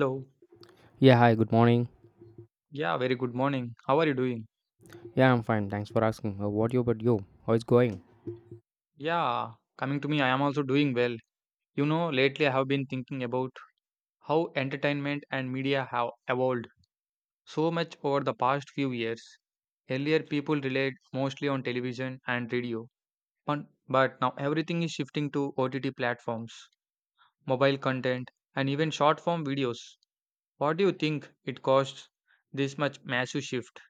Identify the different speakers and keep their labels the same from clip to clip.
Speaker 1: Hello.
Speaker 2: Yeah, hi, good morning.
Speaker 1: Yeah, very good morning. How are you doing?
Speaker 2: Yeah, I'm fine. Thanks for asking. What about you? How is going?
Speaker 1: Yeah, coming to me, I am also doing well. You know, lately I have been thinking about how entertainment and media have evolved so much over the past few years. Earlier, people relied mostly on television and radio, but now everything is shifting to OTT platforms, mobile content, and even short form videos. What do you think it costs this much massive shift?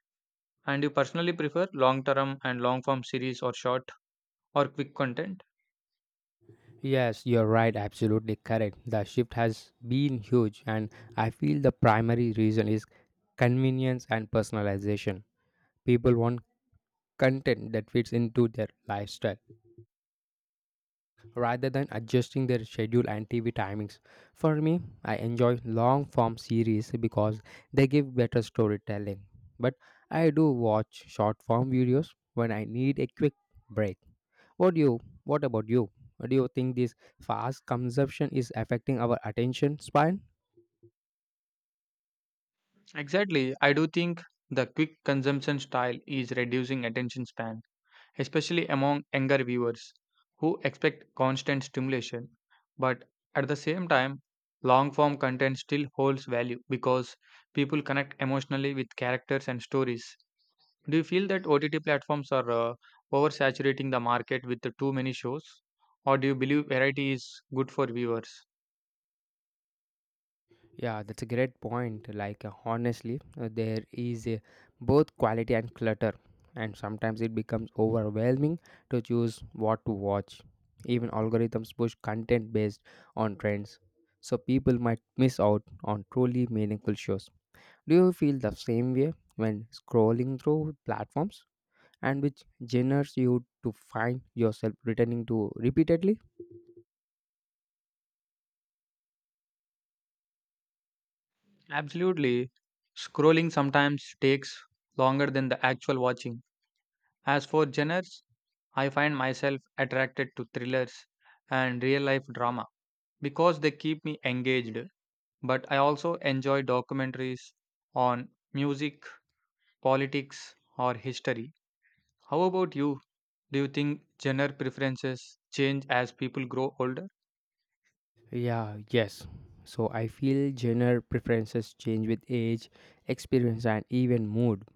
Speaker 1: And you personally prefer long term and long form series or short or quick content?
Speaker 2: Yes, you're right. Absolutely correct. The shift has been huge, and I feel the primary reason is convenience and personalization. People want content that fits into their lifestyle rather than adjusting their schedule and TV timings. For me, I enjoy long form series because they give better storytelling. But I do watch short form videos when I need a quick break. What about you? Do you think this fast consumption is affecting our attention span?
Speaker 1: Exactly. I do think the quick consumption style is reducing attention span, especially among younger viewers who expect constant stimulation. But at the same time, long form content still holds value because people connect emotionally with characters and stories. Do you feel that OTT platforms are oversaturating the market with the too many shows? Or do you believe variety is good for viewers?
Speaker 2: Yeah, that's a great point. Like, honestly, there is both quality and clutter, and sometimes it becomes overwhelming to choose what to watch. Even algorithms push content based on trends, so people might miss out on truly meaningful shows. Do you feel the same way when scrolling through platforms? And which genres you to find yourself returning to repeatedly?
Speaker 1: Absolutely. Scrolling sometimes takes longer than the actual watching. As for genres, I find myself attracted to thrillers and real life drama because they keep me engaged. But I also enjoy documentaries on music, politics, or history. How about you? Do you think genre preferences change as people grow older?
Speaker 2: Yeah, yes. So I feel genre preferences change with age, experience, and even mood.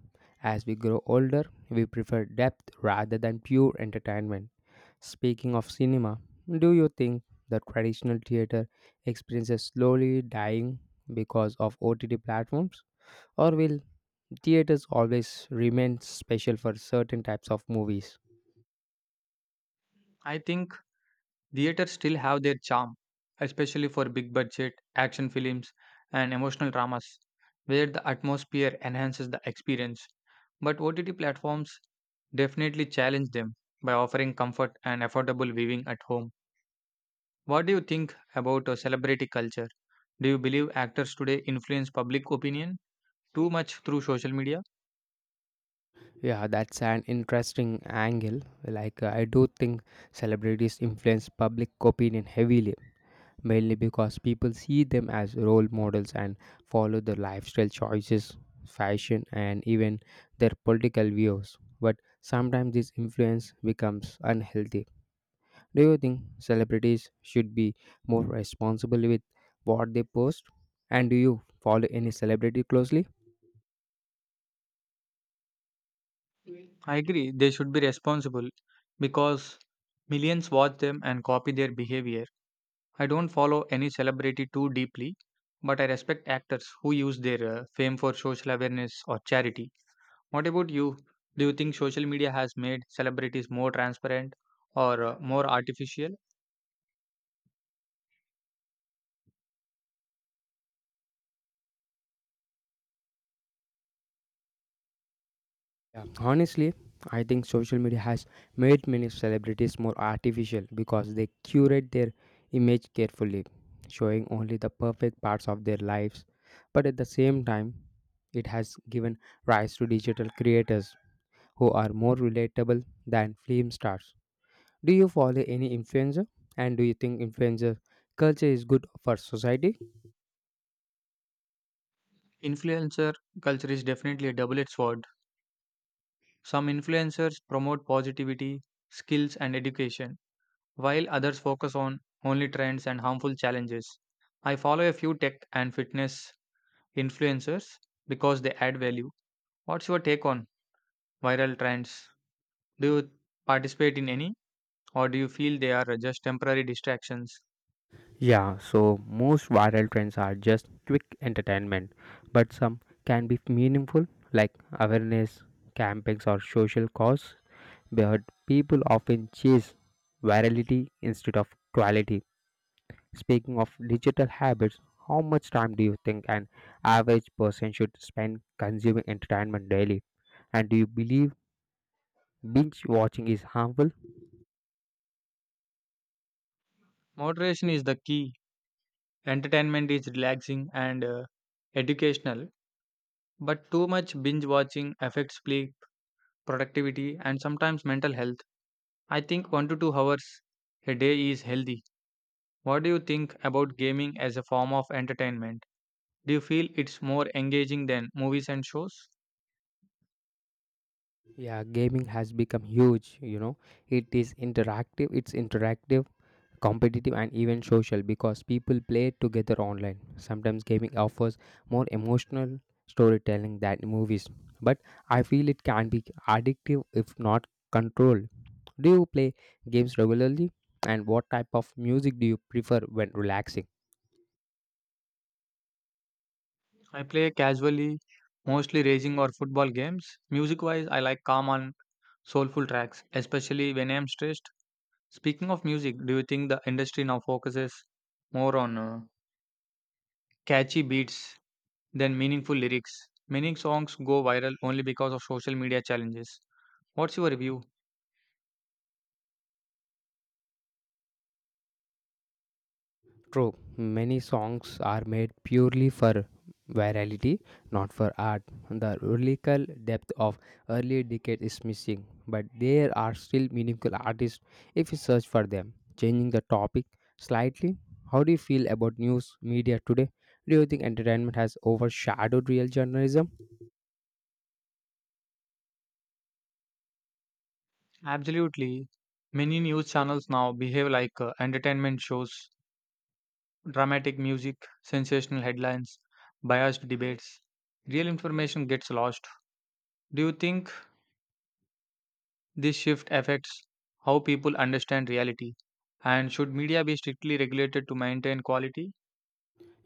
Speaker 2: As we grow older, we prefer depth rather than pure entertainment. Speaking of cinema, do you think the traditional theater experience is slowly dying because of OTT platforms? Or will theaters always remain special for certain types of movies?
Speaker 1: I think theaters still have their charm, especially for big budget action films and emotional dramas, where the atmosphere enhances the experience. But OTT platforms definitely challenge them by offering comfort and affordable viewing at home. What do you think about celebrity culture? Do you believe actors today influence public opinion too much through social media?
Speaker 2: Yeah, that's an interesting angle. Like, I do think celebrities influence public opinion heavily, mainly because people see them as role models and follow their lifestyle choices, fashion, and even their political views. But sometimes this influence becomes unhealthy. Do you think celebrities should be more responsible with what they post? And do you follow any celebrity closely?
Speaker 1: I agree, they should be responsible because millions watch them and copy their behavior. I don't follow any celebrity too deeply, but I respect actors who use their fame for social awareness or charity. What about you? Do you think social media has made celebrities more transparent or more artificial?
Speaker 2: Yeah, honestly, I think social media has made many celebrities more artificial because they curate their image carefully, showing only the perfect parts of their lives. But at the same time, it has given rise to digital creators who are more relatable than film stars. Do you follow any influencer? And do you think influencer culture is good for society?
Speaker 1: Influencer culture is definitely a double edged sword. Some influencers promote positivity, skills, and education, while others focus on only trends and harmful challenges. I follow a few tech and fitness influencers because they add value. What's your take on viral trends? Do you participate in any, or do you feel they are just temporary distractions?
Speaker 2: Yeah, so most viral trends are just quick entertainment, but some can be meaningful, like awareness campaigns or social cause. But people often chase virality instead of quality. Speaking of digital habits, how much time do you think an average person should spend consuming entertainment daily? And do you believe binge watching is harmful?
Speaker 1: Moderation is the key. Entertainment is relaxing and educational, but too much binge watching affects sleep, productivity, and sometimes mental health. I think 1 to 2 hours a day is healthy. What do you think about gaming as a form of entertainment? Do you feel it's more engaging than movies and shows?
Speaker 2: Yeah, gaming has become huge. It's interactive, competitive, and even social because people play together online. Sometimes gaming offers more emotional storytelling than movies, but I feel it can be addictive if not controlled. Do you play games regularly and what type of music do you prefer when relaxing?
Speaker 1: I play casually, mostly racing or football games. Music wise, I like calm and soulful tracks, especially when I am stressed. Speaking of music, do you think the industry now focuses more on catchy beats than meaningful lyrics? Many songs go viral only because of social media challenges. What's your view?
Speaker 2: True, many songs are made purely for virality, not for art. The lyrical depth of early decades is missing, but there are still meaningful artists if you search for them. Changing the topic slightly, how do you feel about news media today? Do you think entertainment has overshadowed real journalism?
Speaker 1: Absolutely. Many news channels now behave like entertainment shows, dramatic music, sensational headlines, biased debates. Real information gets lost. Do you think this shift affects how people understand reality? And should media be strictly regulated to maintain quality?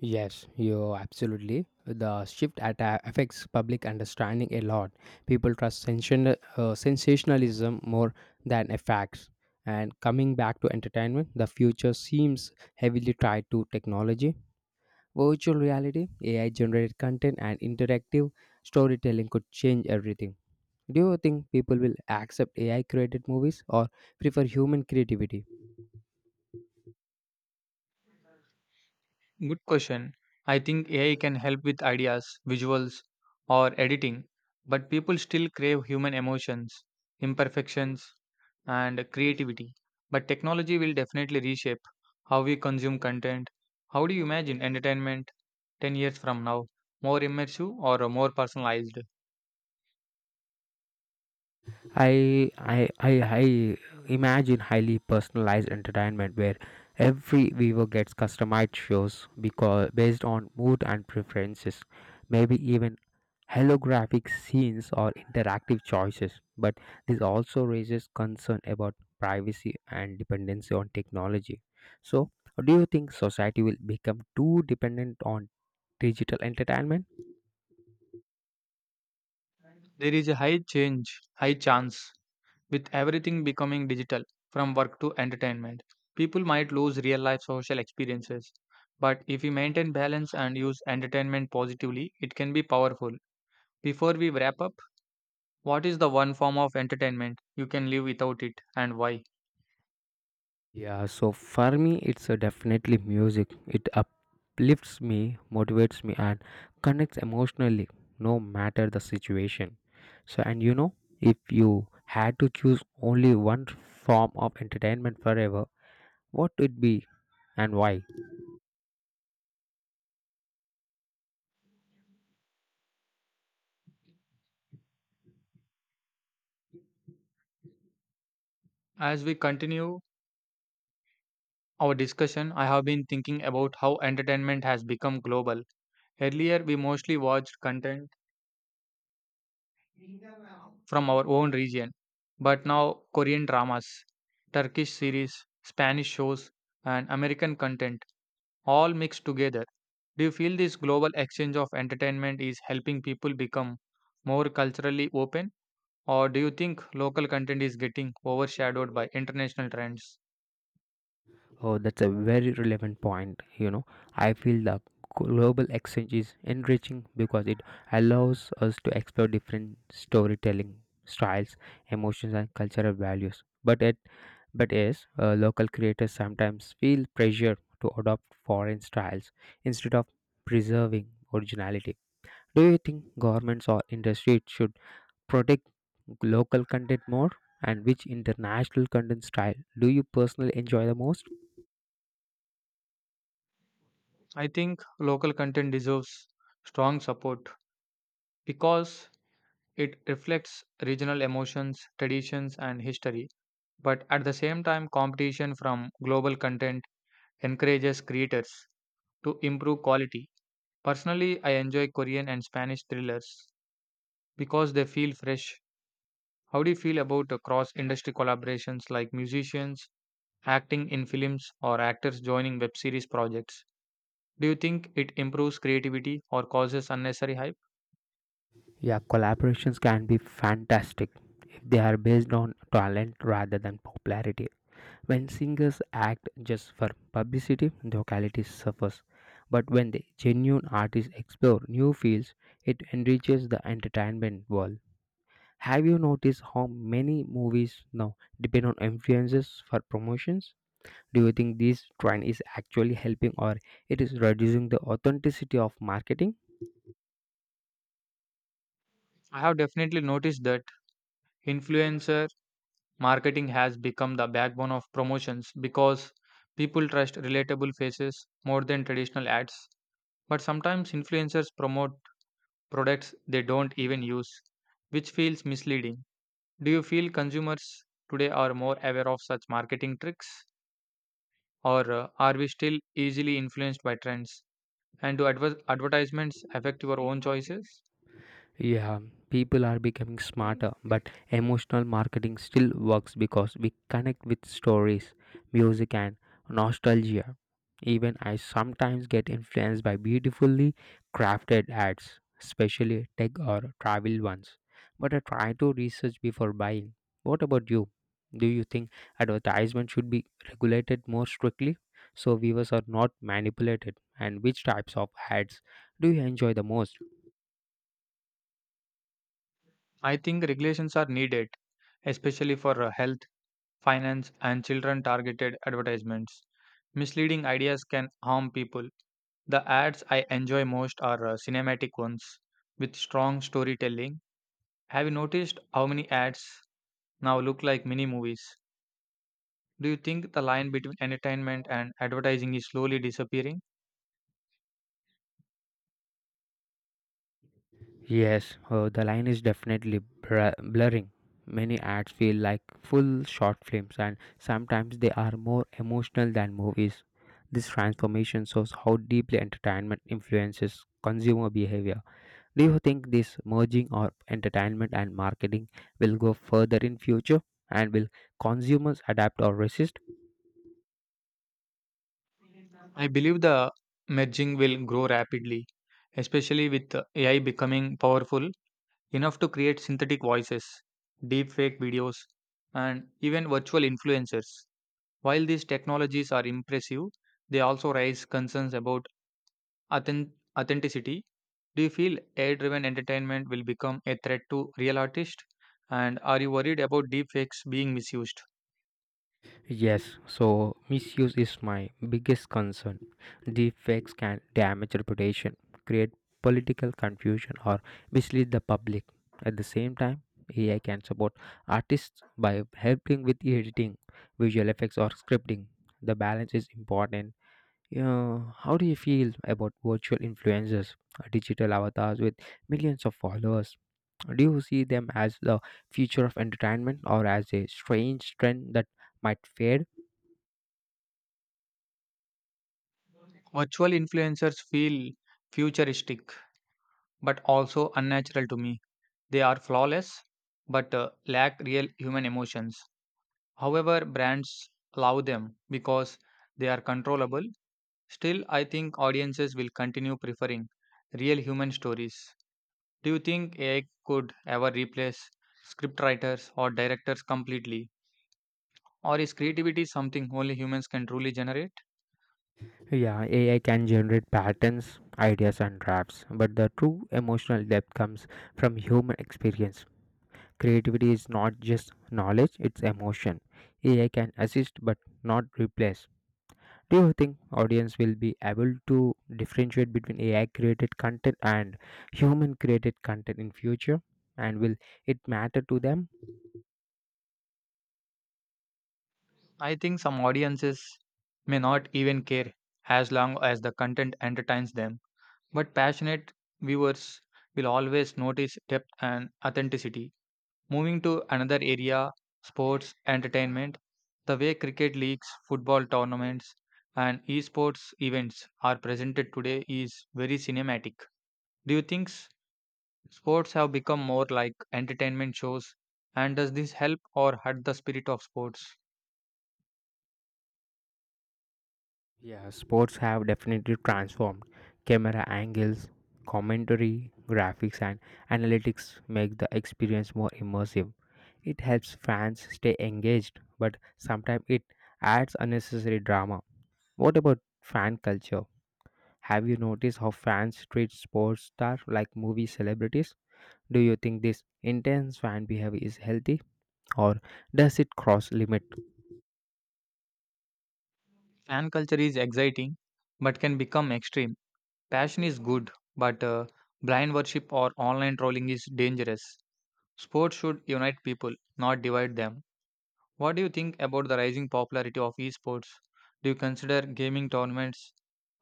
Speaker 2: Yes, you absolutely. The shift affects public understanding a lot. People trust sensationalism more than a facts. And coming back to entertainment, the future seems heavily tied to technology. Virtual reality, AI generated content, and interactive storytelling could change everything. Do you think people will accept AI created movies or prefer human creativity?
Speaker 1: Good question. I think AI can help with ideas, visuals, or editing, but people still crave human emotions, imperfections, and creativity. But technology will definitely reshape how we consume content. How do you imagine entertainment 10 years from now? More immersive or more personalized?
Speaker 2: I imagine highly personalized entertainment where every viewer gets customized shows because based on mood and preferences, maybe even holographic scenes or interactive choices. But this also raises concern about privacy and dependency on technology. So, do you think society will become too dependent on digital entertainment?
Speaker 1: There is a high change, high chance, with everything becoming digital from work to entertainment. People might lose real life social experiences, but if we maintain balance and use entertainment positively, it can be powerful. Before we wrap up, what is the one form of entertainment you can live without it and why?
Speaker 2: Yeah, so for me, it's definitely music. It uplifts me, motivates me, and connects emotionally, no matter the situation. So, and if you had to choose only one form of entertainment forever, what would it be and why?
Speaker 1: As we continue our discussion, I have been thinking about how entertainment has become global. Earlier, we mostly watched content from our own region. But now, Korean dramas, Turkish series, Spanish shows, and American content all mixed together. Do you feel this global exchange of entertainment is helping people become more culturally open? Or do you think local content is getting overshadowed by international trends?
Speaker 2: Oh, that's a very relevant point. I feel the global exchange is enriching because it allows us to explore different storytelling styles, emotions, and cultural values. But yes, local creators sometimes feel pressure to adopt foreign styles instead of preserving originality. Do you think governments or industries should protect local content more? And which international content style do you personally enjoy the most?
Speaker 1: I think local content deserves strong support because it reflects regional emotions, traditions, and history, but at the same time, competition from global content encourages creators to improve quality. Personally, I enjoy Korean and Spanish thrillers because they feel fresh. How do you feel about cross industry collaborations like musicians acting in films or actors joining web series projects? Do you think it improves creativity or causes unnecessary hype?
Speaker 2: Yeah, collaborations can be fantastic if they are based on talent rather than popularity. When singers act just for publicity, their quality suffers. But when the genuine artists explore new fields, it enriches the entertainment world. Have you noticed how many movies now depend on influences for promotions? Do you think this trend is actually helping or it is reducing the authenticity of marketing?
Speaker 1: I have definitely noticed that influencer marketing has become the backbone of promotions because people trust relatable faces more than traditional ads. But sometimes influencers promote products they don't even use, which feels misleading. Do you feel consumers today are more aware of such marketing tricks, or are we still easily influenced by trends? And do advertisements affect your own choices?
Speaker 2: Yeah, people are becoming smarter, but emotional marketing still works because we connect with stories, music, and nostalgia. Even I sometimes get influenced by beautifully crafted ads, especially tech or travel ones. But I try to research before buying. What about you? Do you think advertisement should be regulated more strictly so viewers are not manipulated? And which types of ads do you enjoy the most?
Speaker 1: I think regulations are needed, especially for health, finance, and children targeted advertisements. Misleading ideas can harm people. The ads I enjoy most are cinematic ones with strong storytelling. Have you noticed how many ads now look like mini movies? Do you think the line between entertainment and advertising is slowly disappearing?
Speaker 2: Yes, the line is definitely blurring. Many ads feel like full short films, and sometimes they are more emotional than movies. This transformation shows how deeply entertainment influences consumer behavior. Do you think this merging of entertainment and marketing will go further in future, and will consumers adapt or resist?
Speaker 1: I believe the merging will grow rapidly, especially with AI becoming powerful enough to create synthetic voices, deepfake videos, and even virtual influencers. While these technologies are impressive, they also raise concerns about authen- authenticity. Do you feel AI driven entertainment will become a threat to real artists? And are you worried about deepfakes being misused?
Speaker 2: Yes, so misuse is my biggest concern. Deepfakes can damage reputation, create political confusion, or mislead the public. At the same time, AI can support artists by helping with editing, visual effects, or scripting. The balance is important. Yeah, how do you feel about virtual influencers, digital avatars with millions of followers? Do you see them as the future of entertainment or as a strange trend that might fade?
Speaker 1: Virtual influencers feel futuristic but also unnatural to me. They are flawless but lack real human emotions. However, brands love them because they are controllable. Still, I think audiences will continue preferring real human stories. Do you think AI could ever replace scriptwriters or directors completely? Or is creativity something only humans can truly generate?
Speaker 2: Yeah, AI can generate patterns, ideas, and drafts, but the true emotional depth comes from human experience. Creativity is not just knowledge, it's emotion. AI can assist but not replace. Do you think audience will be able to differentiate between AI created content and human created content in future? And will it matter to them?
Speaker 1: I think some audiences may not even care as long as the content entertains them. But passionate viewers will always notice depth and authenticity. Moving to another area, sports entertainment, the way cricket leagues, football tournaments, and esports events are presented today is very cinematic. Do you think sports have become more like entertainment shows? And does this help or hurt the spirit of sports?
Speaker 2: Yeah, sports have definitely transformed. Camera angles, commentary, graphics, and analytics make the experience more immersive. It helps fans stay engaged, but sometimes it adds unnecessary drama. What about fan culture? Have you noticed how fans treat sports stars like movie celebrities? Do you think this intense fan behavior is healthy or does it cross limits?
Speaker 1: Fan culture is exciting but can become extreme. Passion is good, but blind worship or online trolling is dangerous. Sports should unite people, not divide them. What do you think about the rising popularity of esports? Do you consider gaming tournaments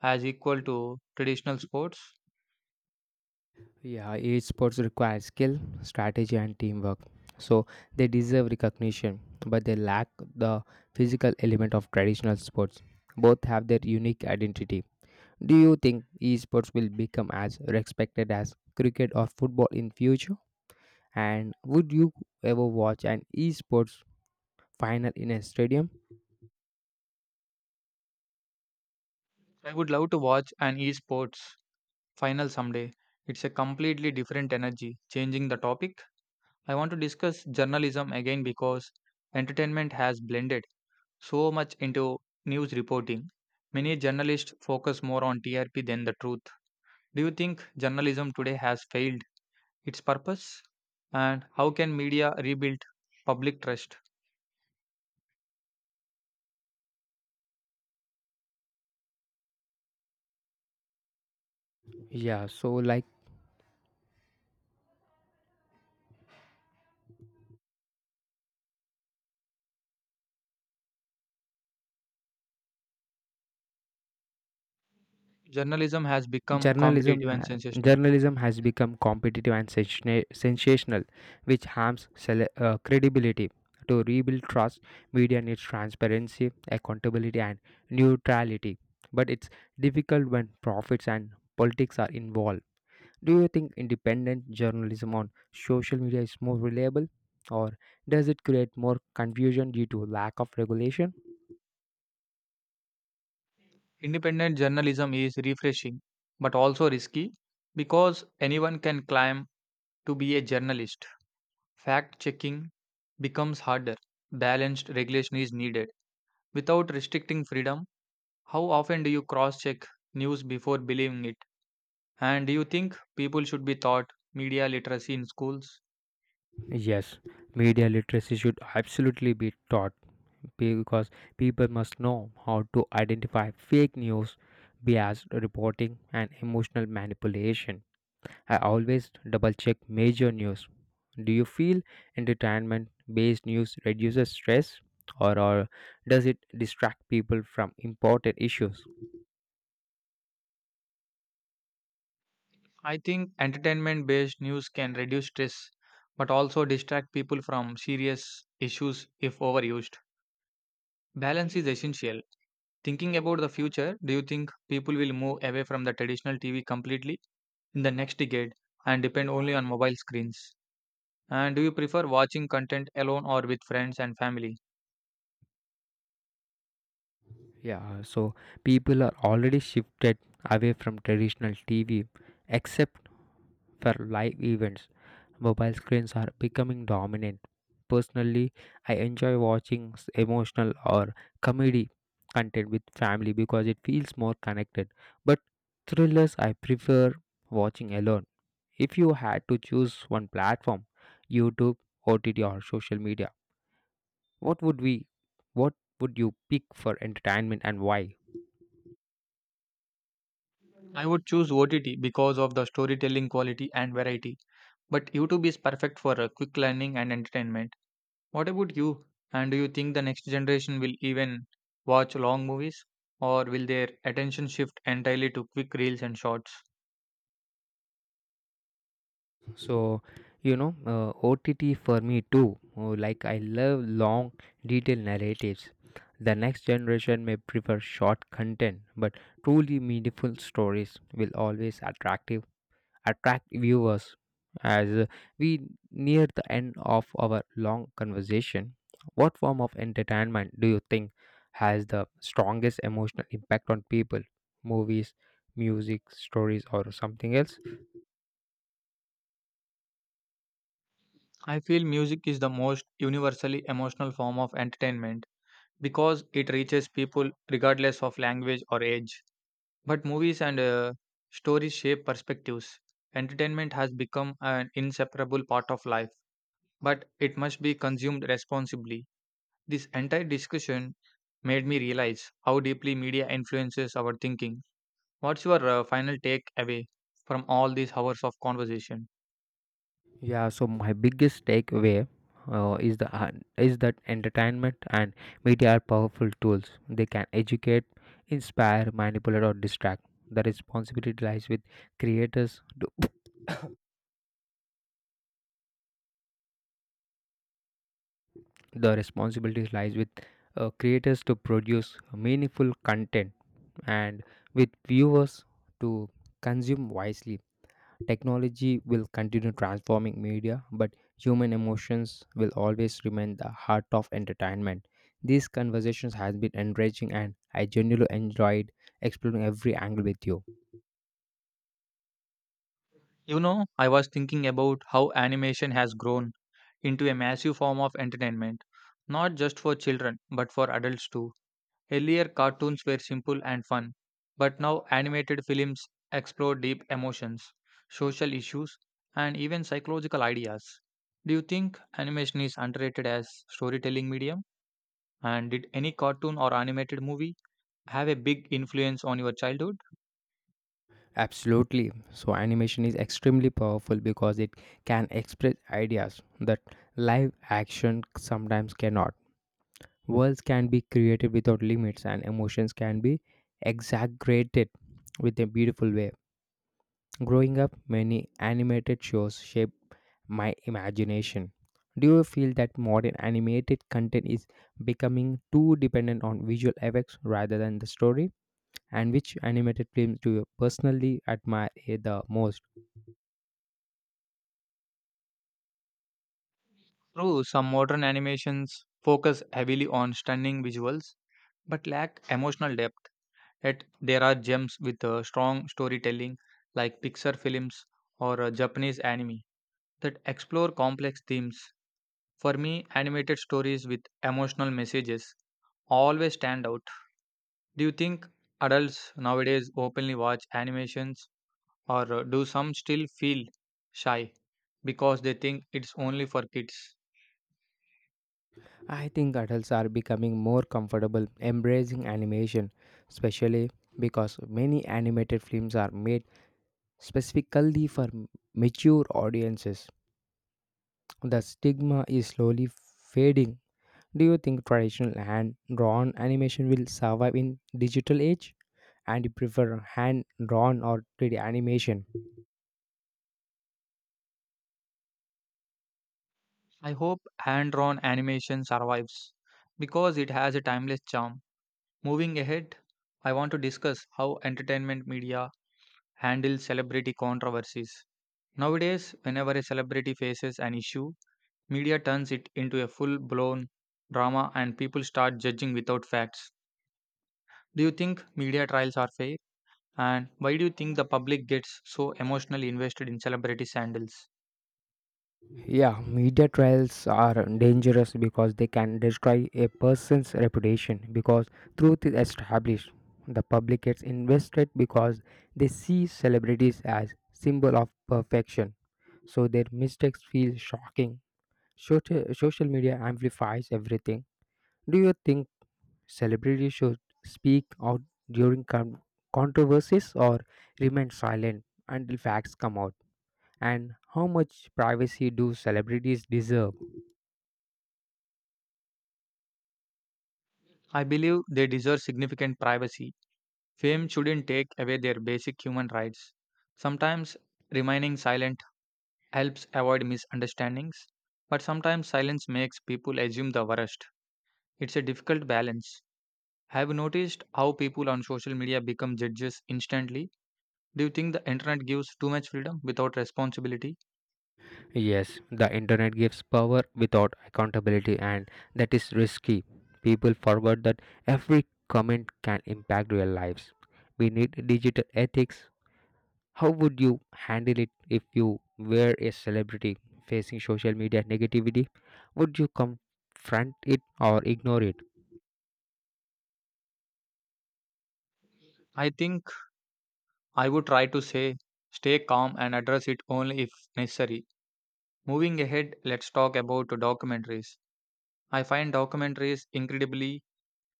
Speaker 1: as equal to traditional sports?
Speaker 2: Yeah, esports require skill, strategy, and teamwork. So they deserve recognition, but they lack the physical element of traditional sports. Both have their unique identity. Do you think esports will become as respected as cricket or football in future? And would you ever watch an esports final in a stadium?
Speaker 1: I would love to watch an esports final someday. It's a completely different energy. Changing the topic, I want to discuss journalism again because entertainment has blended so much into news reporting. Many journalists focus more on TRP than the truth. Do you think journalism today has failed its purpose, and how can media rebuild public trust?
Speaker 2: Yeah, so like
Speaker 1: Journalism has become
Speaker 2: Journalism,
Speaker 1: competitive and
Speaker 2: ha-
Speaker 1: sensational.
Speaker 2: journalism has become competitive and sensational, which harms credibility. To rebuild trust, media needs transparency, accountability, and neutrality. But it's difficult when profits and politics are involved. Do you think independent journalism on social media is more reliable, or does it create more confusion due to lack of regulation?
Speaker 1: Independent journalism is refreshing but also risky because anyone can claim to be a journalist. Fact checking becomes harder. Balanced regulation is needed. Without restricting freedom, how often do you cross check news before believing it? And do you think people should be taught media literacy in schools?
Speaker 2: Yes, media literacy should absolutely be taught because people must know how to identify fake news, biased reporting, and emotional manipulation. I always double check major news. Do you feel entertainment based news reduces stress or does it distract people from important issues?
Speaker 1: I think entertainment based news can reduce stress but also distract people from serious issues if overused. Balance is essential. Thinking about the future, do you think people will move away from the traditional TV completely in the next decade and depend only on mobile screens? And do you prefer watching content alone or with friends and family?
Speaker 2: Yeah, so people are already shifted away from traditional TV except for live events. Mobile screens are becoming dominant. Personally, I enjoy watching emotional or comedy content with family because it feels more connected. But thrillers I prefer watching alone. If you had to choose one platform, YouTube, OTT, or social media, what would we what would you pick for entertainment and why?
Speaker 1: I would choose OTT because of the storytelling quality and variety, but YouTube is perfect for quick learning and entertainment. What about you? And do you think the next generation will even watch long movies? Or will their attention shift entirely to quick reels and shorts?
Speaker 2: So, OTT for me too. Oh, like, I love long, detailed narratives. The next generation may prefer short content, but truly meaningful stories will always attract viewers. As we near the end of our long conversation, what form of entertainment do you think has the strongest emotional impact on people? Movies, music, stories, or something else?
Speaker 1: I feel music is the most universally emotional form of entertainment because it reaches people regardless of language or age. But movies and stories shape perspectives. Entertainment has become an inseparable part of life, but it must be consumed responsibly. This entire discussion made me realize how deeply media influences our thinking. What's your final takeaway from all these hours of conversation?
Speaker 2: Yeah, so my biggest takeaway is the is that entertainment and media are powerful tools. They can educate, inspire, manipulate, or distract. The responsibility lies with creators. The responsibility lies with creators to produce meaningful content, and with viewers to consume wisely. Technology will continue transforming media, but human emotions will always remain the heart of entertainment. These conversations has been enriching and I genuinely enjoyed exploring every angle with you.
Speaker 1: You know, I was thinking about how animation has grown into a massive form of entertainment, not just for children, but for adults too. Earlier, cartoons were simple and fun, but now animated films explore deep emotions, social issues, and even psychological ideas. Do you think animation is underrated as storytelling medium? And did any cartoon or animated movie have a big influence on your childhood?
Speaker 2: Absolutely. So, animation is extremely powerful because it can express ideas that live action sometimes cannot. Worlds can be created without limits, and emotions can be exaggerated with a beautiful way. Growing up, many animated shows shaped my imagination. Do you feel that modern animated content is becoming too dependent on visual effects rather than the story? And which animated films do you personally admire the most?
Speaker 1: True, some modern animations focus heavily on stunning visuals but lack emotional depth. Yet there are gems with strong storytelling like Pixar films or Japanese anime that explore complex themes. For me, animated stories with emotional messages always stand out. Do you think adults nowadays openly watch animations? Or do some still feel shy because they think it's only for kids?
Speaker 2: I think adults are becoming more comfortable embracing animation, especially because many animated films are made specifically for mature audiences. The stigma is slowly fading. Do you think traditional hand-drawn animation will survive in digital age? And you prefer hand-drawn or 3D animation?
Speaker 1: I hope hand drawn animation survives because it has a timeless charm. Moving ahead, I want to discuss how entertainment media handles celebrity controversies. Nowadays, whenever a celebrity faces an issue, media turns it into a full blown drama and people start judging without facts. Do you think media trials are fair? And why do you think the public gets so emotionally invested in celebrity sandals?
Speaker 2: Yeah, media trials are dangerous because they can destroy a person's reputation because truth is established. The public gets invested because they see celebrities as symbol of perfection. So their mistakes feel shocking. Social media amplifies everything. Do you think celebrities should speak out during controversies or remain silent until facts come out? And how much privacy do celebrities deserve?
Speaker 1: I believe they deserve significant privacy. Fame shouldn't take away their basic human rights. Sometimes remaining silent helps avoid misunderstandings, but sometimes silence makes people assume the worst. It's a difficult balance. Have you noticed how people on social media become judges instantly? Do you think the internet gives too much freedom without responsibility?
Speaker 2: Yes, the internet gives power without accountability, and that is risky. People forget that every comment can impact real lives. We need digital ethics. How would you handle it if you were a celebrity facing social media negativity? Would you confront it or ignore it?
Speaker 1: I think I would try to say, stay calm and address it only if necessary. Moving ahead, let's talk about documentaries. I find documentaries incredibly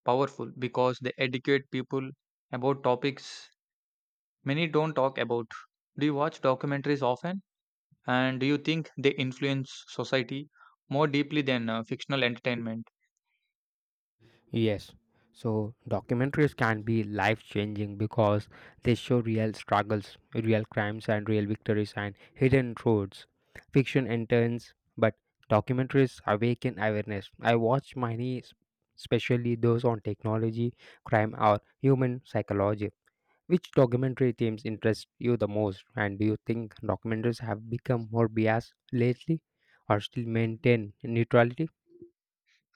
Speaker 1: powerful because they educate people about topics many don't talk about. Do you watch documentaries often? And do you think they influence society more deeply than fictional entertainment?
Speaker 2: Yes. So documentaries can be life changing because they show real struggles, real crimes, and real victories and hidden truths. Fiction entertains, but documentaries awaken awareness. I watch many, especially those on technology, crime, or human psychology. Which documentary themes interest you the most? And do you think documentaries have become more biased lately or still maintain neutrality?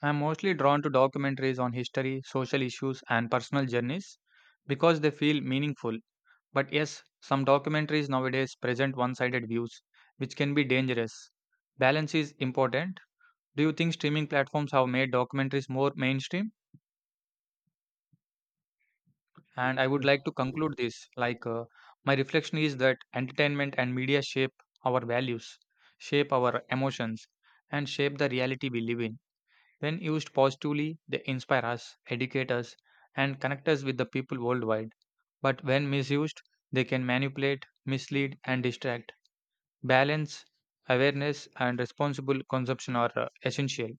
Speaker 1: I'm mostly drawn to documentaries on history, social issues, and personal journeys because they feel meaningful. But yes, some documentaries nowadays present one sided views, which can be dangerous. Balance is important. Do you think streaming platforms have made documentaries more mainstream? And I would
Speaker 2: Yeah.
Speaker 1: like to conclude this my reflection is that entertainment and media shape our values, shape our emotions, and shape the reality we live in. When used positively, they inspire us, educate us, and connect us with the people worldwide. But when misused, they can manipulate, mislead, and distract. Balance, awareness, and responsible consumption are essential.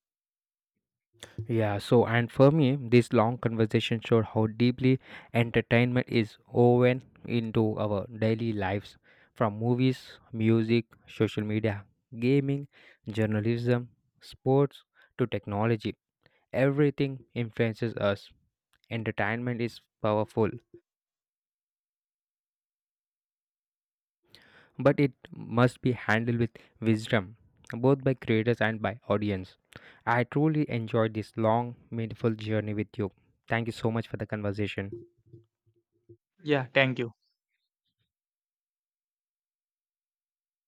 Speaker 2: Yeah, so and for me, this long conversation showed how deeply entertainment is woven into our daily lives from movies, music, social media, gaming, journalism, sports to technology. Everything influences us. Entertainment is powerful, but it must be handled with wisdom, both by creators and by audience. I truly enjoyed this long, meaningful journey with you. Thank you so much for the conversation.
Speaker 1: Yeah, thank you.